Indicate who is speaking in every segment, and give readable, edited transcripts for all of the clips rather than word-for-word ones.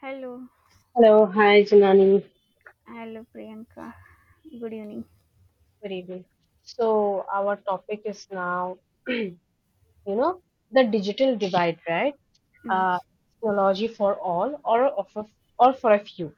Speaker 1: Hello,
Speaker 2: Hello, hi Janani.
Speaker 1: hello Priyanka. Good evening.
Speaker 2: Good evening. So our topic is now, you know, the digital divide, right?
Speaker 1: Mm,
Speaker 2: Uh, technology for all, or offer, or for a few.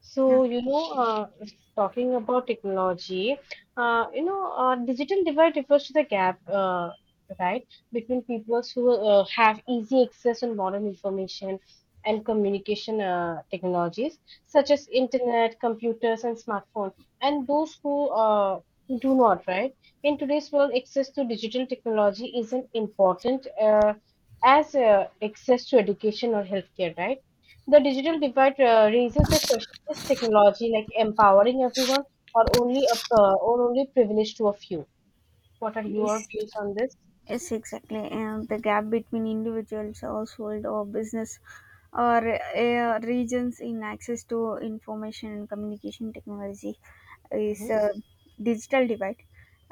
Speaker 2: So,
Speaker 1: okay.
Speaker 2: you know, uh, talking about technology, digital divide refers to the gap, right, between peoples who have easy access on modern information and communication technologies, such as internet, computers, and smartphones, and those who do not, right? In today's world, access to digital technology isn't important as access to education or healthcare, right? The digital divide raises the question: Is technology like empowering everyone, or only a or only privilege to a few? What are your
Speaker 1: Please.
Speaker 2: views on this?
Speaker 1: Yes, exactly. And the gap between individuals, household, or business, or regions in access to information and communication technology is
Speaker 2: Mhm,
Speaker 1: a digital divide.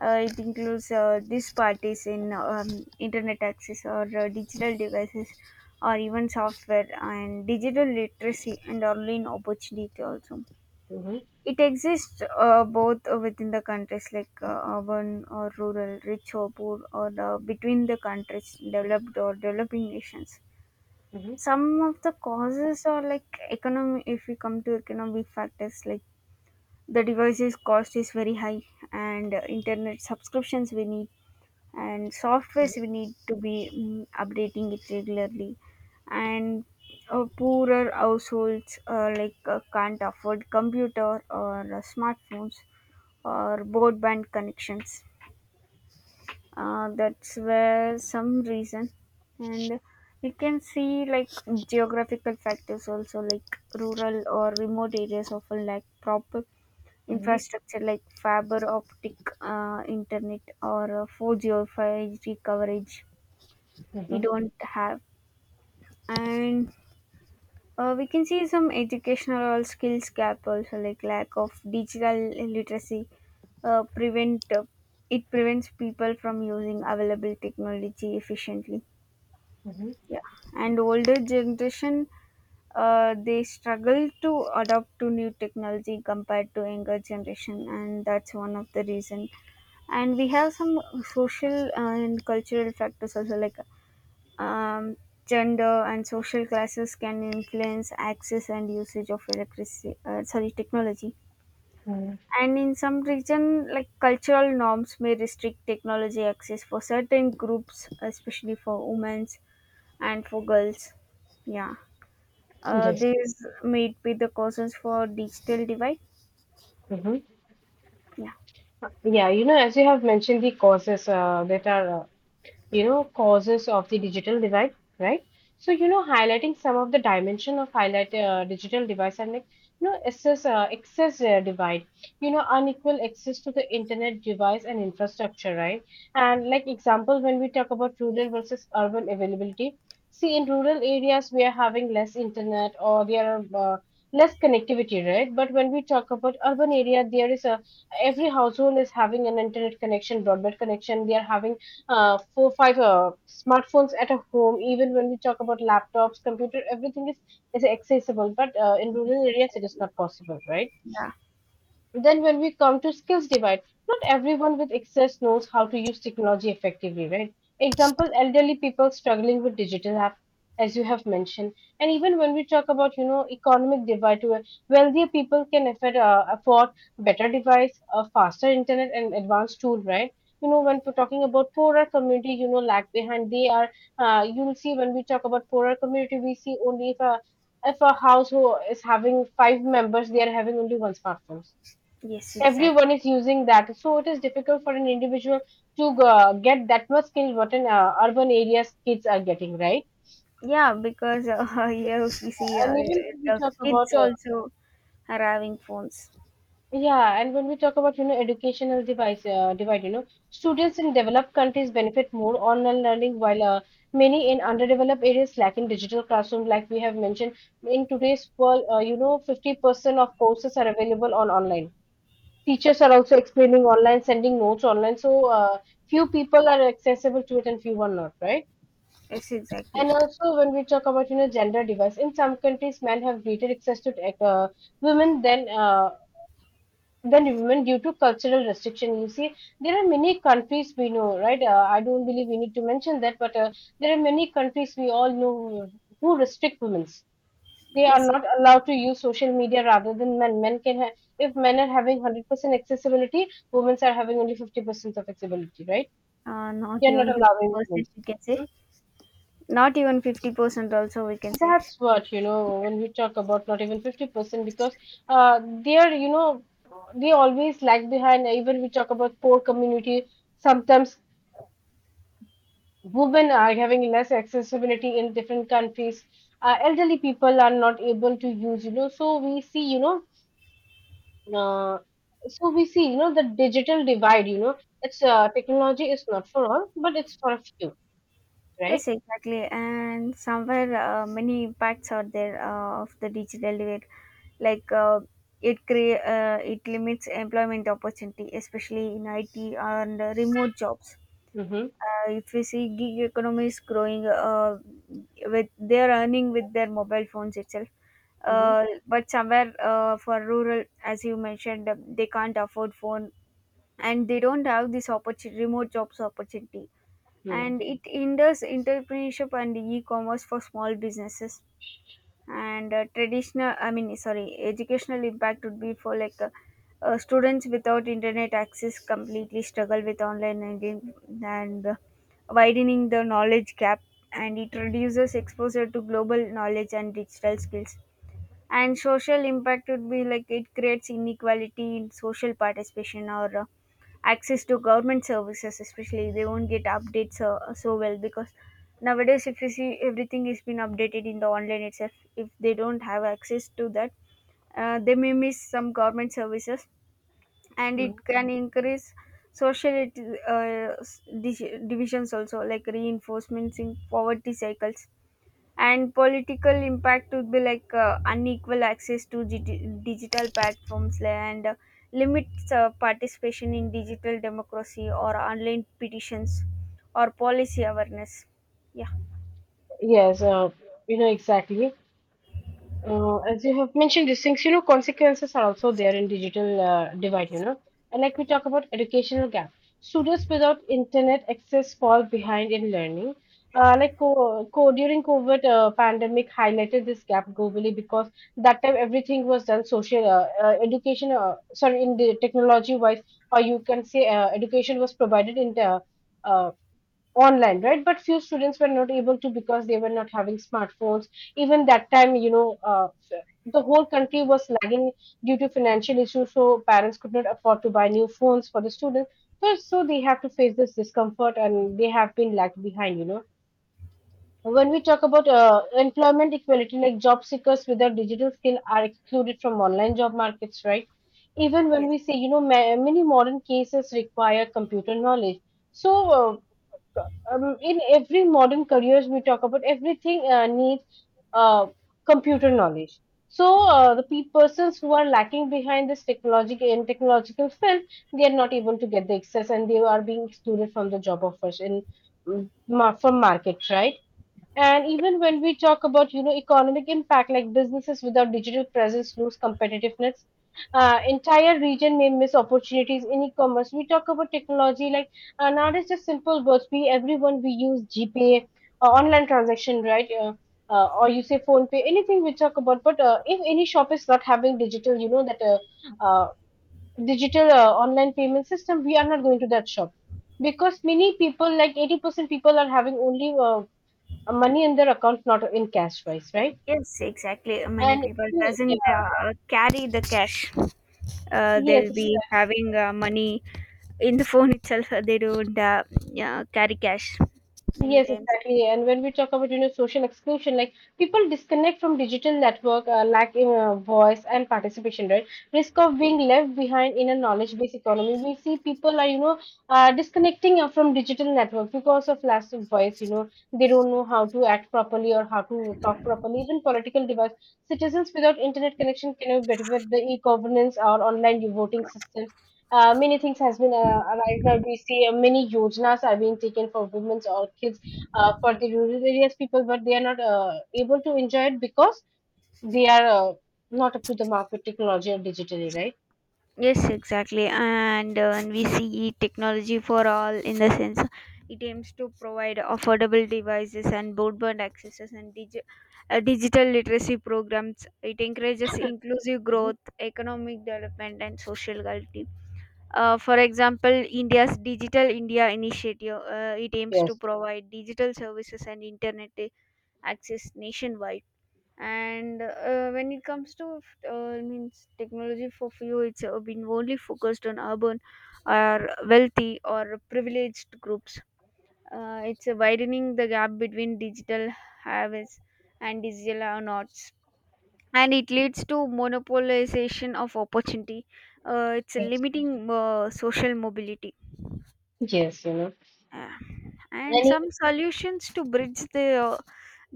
Speaker 1: It includes these parties in internet access or digital devices, or even software and digital literacy and online opportunity also.
Speaker 2: mhm,
Speaker 1: It exists both within the countries, like urban or rural, rich or poor, or between the countries, developed or developing nations.
Speaker 2: mhm,
Speaker 1: Some of the causes are like economy. If we come to economic factors, like the devices cost is very high, and internet subscriptions we need, and
Speaker 2: mhm,
Speaker 1: softwares we need to be updating it regularly, and poorer households like can't afford computer or smartphones or broadband connections. That's where some reason, and you can see like geographical factors also, like rural or remote areas often lack proper
Speaker 2: mhm,
Speaker 1: infrastructure like fiber optic internet or 4G or 5G coverage. We
Speaker 2: mhm,
Speaker 1: don't have. And we can see some educational skills gap also, like lack of digital literacy prevent it prevents people from using available technology efficiently.
Speaker 2: mhm,
Speaker 1: Yeah, and older generation, they struggle to adapt to new technology compared to younger generation, and that's one of the reason. And we have some social and cultural factors also, like um, gender and social classes can influence access and usage of electricity, sorry, technology.
Speaker 2: mhm.
Speaker 1: And in some region, like cultural norms may restrict technology access for certain groups, especially for women and for girls. Yeah,
Speaker 2: Yes.
Speaker 1: these may be the causes for digital divide.
Speaker 2: Hmm.
Speaker 1: Yeah,
Speaker 2: Yeah, you know, as you have mentioned, the causes that are you know causes of the digital divide, right? So you know, highlighting some of the dimension of highlight digital device, and like you know excess divide, you know, unequal access to the internet device and infrastructure, right? And like example, when we talk about rural versus urban availability, see in rural areas we are having less internet, or there are less connectivity, right? But when we talk about urban area, there is a every household is having an internet connection, broadband connection. They are having four five smartphones at a home. Even when we talk about laptops, computer, everything is accessible, but in
Speaker 1: yes,
Speaker 2: rural areas it is
Speaker 1: exactly.
Speaker 2: not possible, right?
Speaker 1: Yeah,
Speaker 2: Then when we come to skills divide, not everyone with access knows how to use technology effectively, right? Example, elderly people struggling with digital app, as you have mentioned. And even when we talk about, you know, economic divide, where wealthier people can afford better device, a faster internet and advanced tool, right? You know, when we're talking about poorer community, you know, lag behind. They are, you'll see when we talk about poorer community, we see only if a household is having five members, they are having only one smartphone.
Speaker 1: yes, exactly.
Speaker 2: Everyone is using that, so it is difficult for an individual to get that much skill what in urban areas kids are getting, right?
Speaker 1: Yeah, because here we see
Speaker 2: And even when we
Speaker 1: the
Speaker 2: talk about
Speaker 1: kids also are having phones.
Speaker 2: yeah, and when we talk about you know educational device divide, you know, students in developed countries benefit more online learning, while many in underdeveloped areas lack in digital classroom. Like we have mentioned, in today's world you know 50% of courses are available on online, teachers are also explaining online, sending notes online. So few people are accessible to it and few are not, right?
Speaker 1: Yes, exactly.
Speaker 2: And also when we talk about you know gender device, in some countries men have greater access to tech, women than women due to cultural restriction. You see, there are many countries we know, right? I don't believe we need to mention that, but there are many countries we all know who restrict women. They are
Speaker 1: Yes,
Speaker 2: not allowed to use social media rather than men. Men can have, if men are having 100% accessibility, women are having only 50% of accessibility, right?
Speaker 1: not
Speaker 2: They are not
Speaker 1: even
Speaker 2: allowing women.
Speaker 1: 50%, we can say.
Speaker 2: Hmm?
Speaker 1: Not even 50% also, we can say.
Speaker 2: That's what, you know, when we talk about not even 50%, because uh, they are, you know, they always lag behind. Even we talk about poor community, sometimes women are having less accessibility in different countries. Elderly people are not able to use, you know, so we see, you know, Uh, so we see, you know, the digital divide, you know, it's technology is not for all, but it's for a few, right?
Speaker 1: Yes, exactly. And somewhere, many impacts are there of the digital divide. Like, uh, it limits employment opportunity, especially in IT and remote jobs.
Speaker 2: Mm-hmm.
Speaker 1: If we see gig economy is growing, with they're earning with their mobile phones itself, but somewhere, for rural, as you mentioned, they can't afford phone and they don't have this opportunity, remote jobs opportunity.
Speaker 2: Mm-hmm.
Speaker 1: And it hinders entrepreneurship and e-commerce for small businesses. And traditional I mean sorry educational impact would be for like students without internet access completely struggle with online learning, and widening the knowledge gap. And it reduces exposure to global knowledge and digital skills. And social impact would be like it creates inequality in social participation or access to government services, especially they won't get updates so well, because nowadays, if you see everything is been updated in the online itself, if they don't have access to that, they may miss some government services. And it can increase social uh, divisions also, like reinforcements in poverty cycles. And political impact would be like unequal access to digital platforms, and limits participation in digital democracy or online petitions or policy awareness. Yeah.
Speaker 2: Yes, you know, exactly. As you have mentioned these things, you know, consequences are also there in digital divide, you know. And like we talk about educational gap, students without internet access fall behind in learning. Like during COVID pandemic highlighted this gap globally, because that time everything was done sorry, in the technology wise, or you can say education was provided in the uh, online, right? But few students were not able to, because they were not having smartphones. Even that time, you know, the whole country was lagging due to financial issues, so parents could not afford to buy new phones for the students. So they have to face this discomfort, and they have been lagged behind, you know. When we talk about employment equality, like job seekers without digital skill are excluded from online job markets, right? Even when
Speaker 1: Yes.
Speaker 2: we say, you know, many modern cases require computer knowledge. So, in every modern careers we talk about, everything needs uh, computer knowledge. So persons who are lacking behind this technology and technological field, they are not able to get the access, and they are being excluded from the job offers in from market, right? And even when we talk about, you know, economic impact, like businesses without digital presence lose competitiveness. Entire region may miss opportunities in e-commerce. We talk about technology like nowadays just simple words. We everyone we use GPay, online transaction, right? Or you say phone pay, anything we talk about. But if any shop is not having digital, you know that uh, digital online payment system, we are not going to that shop, because many people like 80% people are having only money in their accounts, not in cash wise, right?
Speaker 1: Yes, exactly, many
Speaker 2: And
Speaker 1: people
Speaker 2: you-
Speaker 1: doesn't
Speaker 2: yeah,
Speaker 1: carry the cash.
Speaker 2: yes,
Speaker 1: They'll be
Speaker 2: exactly.
Speaker 1: having money in the phone itself. They don't Yeah, carry cash many
Speaker 2: Yes,
Speaker 1: times.
Speaker 2: exactly. And when we talk about you know social exclusion, like people disconnect from digital network, lack in voice and participation, right? Risk of being left behind in a knowledge-based economy. We see people are you know disconnecting from digital network because of lack of voice. You know, they don't know how to act properly or how to talk properly. Even political device. Citizens without internet connection cannot benefit the e-governance or online voting system. Many things has been arrived, now we see many yojanas are being taken for women or kids for the rural areas people, but they are not able to enjoy it, because they are not up to the mark with technology or digitally, right?
Speaker 1: Yes, exactly. And we see technology for all, in the sense it aims to provide affordable devices and broadband accesses and digital literacy programs. It encourages inclusive
Speaker 2: Mhm.
Speaker 1: growth, economic development, and social equality. For example, India's Digital India initiative, it aims to
Speaker 2: Yes.
Speaker 1: provide digital services and internet access nationwide. And when it comes to, means, technology for few, it's been only focused on urban or wealthy or privileged groups. It's widening the gap between digital haves and digital nots. And it leads to monopolization of opportunity. It's
Speaker 2: Yes.
Speaker 1: limiting social mobility.
Speaker 2: Yes, you know.
Speaker 1: Yeah. And
Speaker 2: And e-
Speaker 1: some solutions to bridge the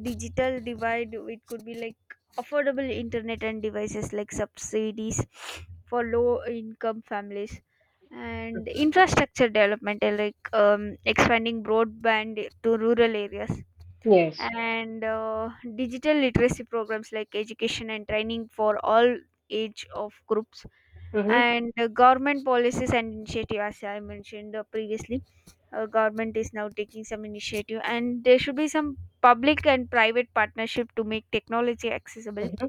Speaker 1: digital divide, it could be like affordable internet and devices, like subsidies for low income families, and infrastructure development, like expanding broadband to rural areas,
Speaker 2: yes.
Speaker 1: and digital literacy programs like education and training for all age of groups,
Speaker 2: Mm-hmm,
Speaker 1: and government policies and initiative, as I mentioned previously. Government is now taking some initiative, and there should be some public and private partnership to make technology accessible.
Speaker 2: mm-hmm,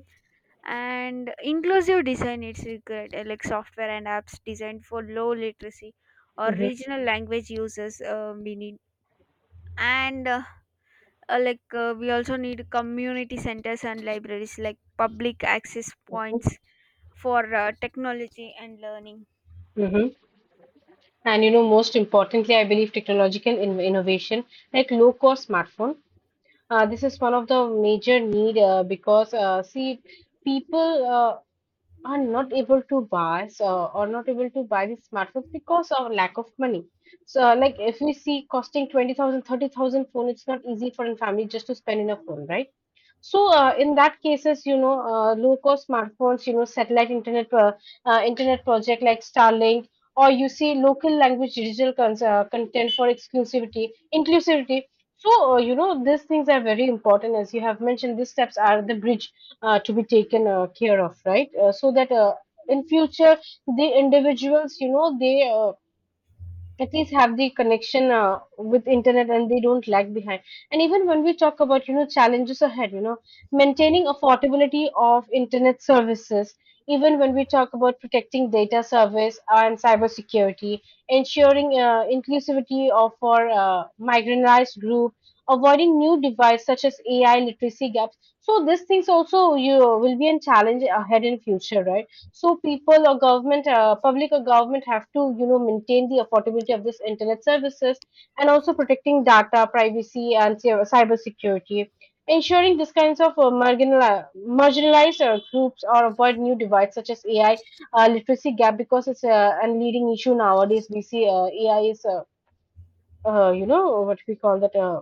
Speaker 1: And inclusive design it's required, like software and apps designed for low literacy or
Speaker 2: mm-hmm,
Speaker 1: regional language users, we need. And we also need community centers and libraries, like public access
Speaker 2: mm-hmm.
Speaker 1: points for technology and learning.
Speaker 2: Mm-hmm. And you know, most importantly I believe technological innovation, like low cost smartphone, this is one of the major need, because see people are not able to buy these smartphones because of lack of money. So like if we see costing 20,000, 30,000 phone, it's not easy for a family just to spend in a phone, right? So in that cases, you know, low cost smartphones, you know, satellite internet, internet project like starlink, or you see local language digital content for exclusivity inclusivity. So you know, these things are very important. As you have mentioned, these steps are the bridge to be taken care of, right? So that in future the individuals, you know, they at least have the connection with internet and they don't lag behind. And even when we talk about you know challenges ahead, you know, maintaining affordability of internet services, even when we talk about protecting data service and cybersecurity, ensuring inclusivity of our marginalized group, avoiding new devices such as AI literacy gaps, so these things also you will be a challenge ahead in future, right? So people or government, public or government have to you know maintain the affordability of this internet services, and also protecting data privacy and cyber security, ensuring these kinds of marginali- marginalized groups, or avoid new divides such as AI literacy gap, because it's a leading issue nowadays. We see AI is you know, what we call that,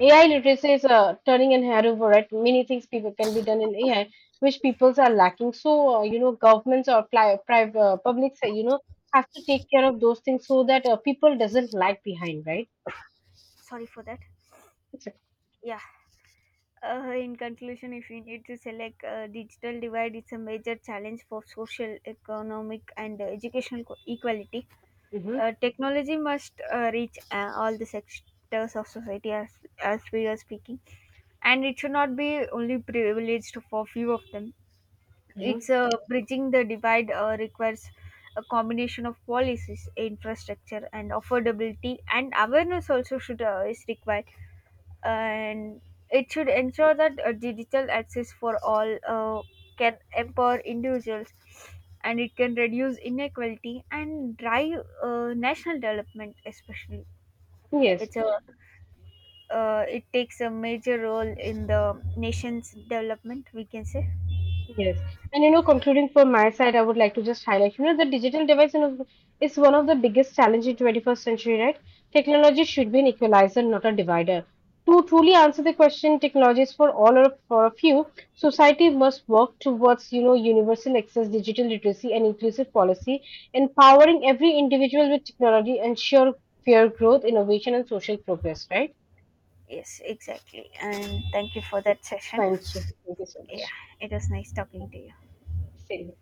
Speaker 2: AI literacy is turning an over at many things people can be done in AI, which peoples are lacking. So you know, governments or private publics, you know, has to take care of those things, so that people doesn't lag behind, right?
Speaker 1: Sorry for that. Yeah. In conclusion, if we need to select digital divide, it's a major challenge for social, economic, and educational equality.
Speaker 2: Mm-hmm.
Speaker 1: Technology must reach all the sectors of society, as we are speaking, and it should not be only privileged for few of them.
Speaker 2: Hmm.
Speaker 1: It's bridging the divide requires a combination of policies, infrastructure, and affordability, and awareness also should is required. And it should ensure that digital access for all can empower individuals, and it can reduce inequality and drive national development, especially.
Speaker 2: Yes.
Speaker 1: It's a, it takes a major role in the nation's development, we can say.
Speaker 2: Yes. And you know, concluding from my side, I would like to just highlight, you know, the digital device, you know, is one of the biggest challenges in 21st century, right? Technology should be an equalizer, not a divider. To truly answer the question, technology is for all or for a few, society must work towards, you know, universal access, digital literacy, and inclusive policy, empowering every individual with technology, ensure fair growth, innovation, and social progress, right?
Speaker 1: Yes, exactly, and thank you for that session.
Speaker 2: Thank you. Thank you so
Speaker 1: Yeah,
Speaker 2: much.
Speaker 1: it was nice talking to you.
Speaker 2: Same.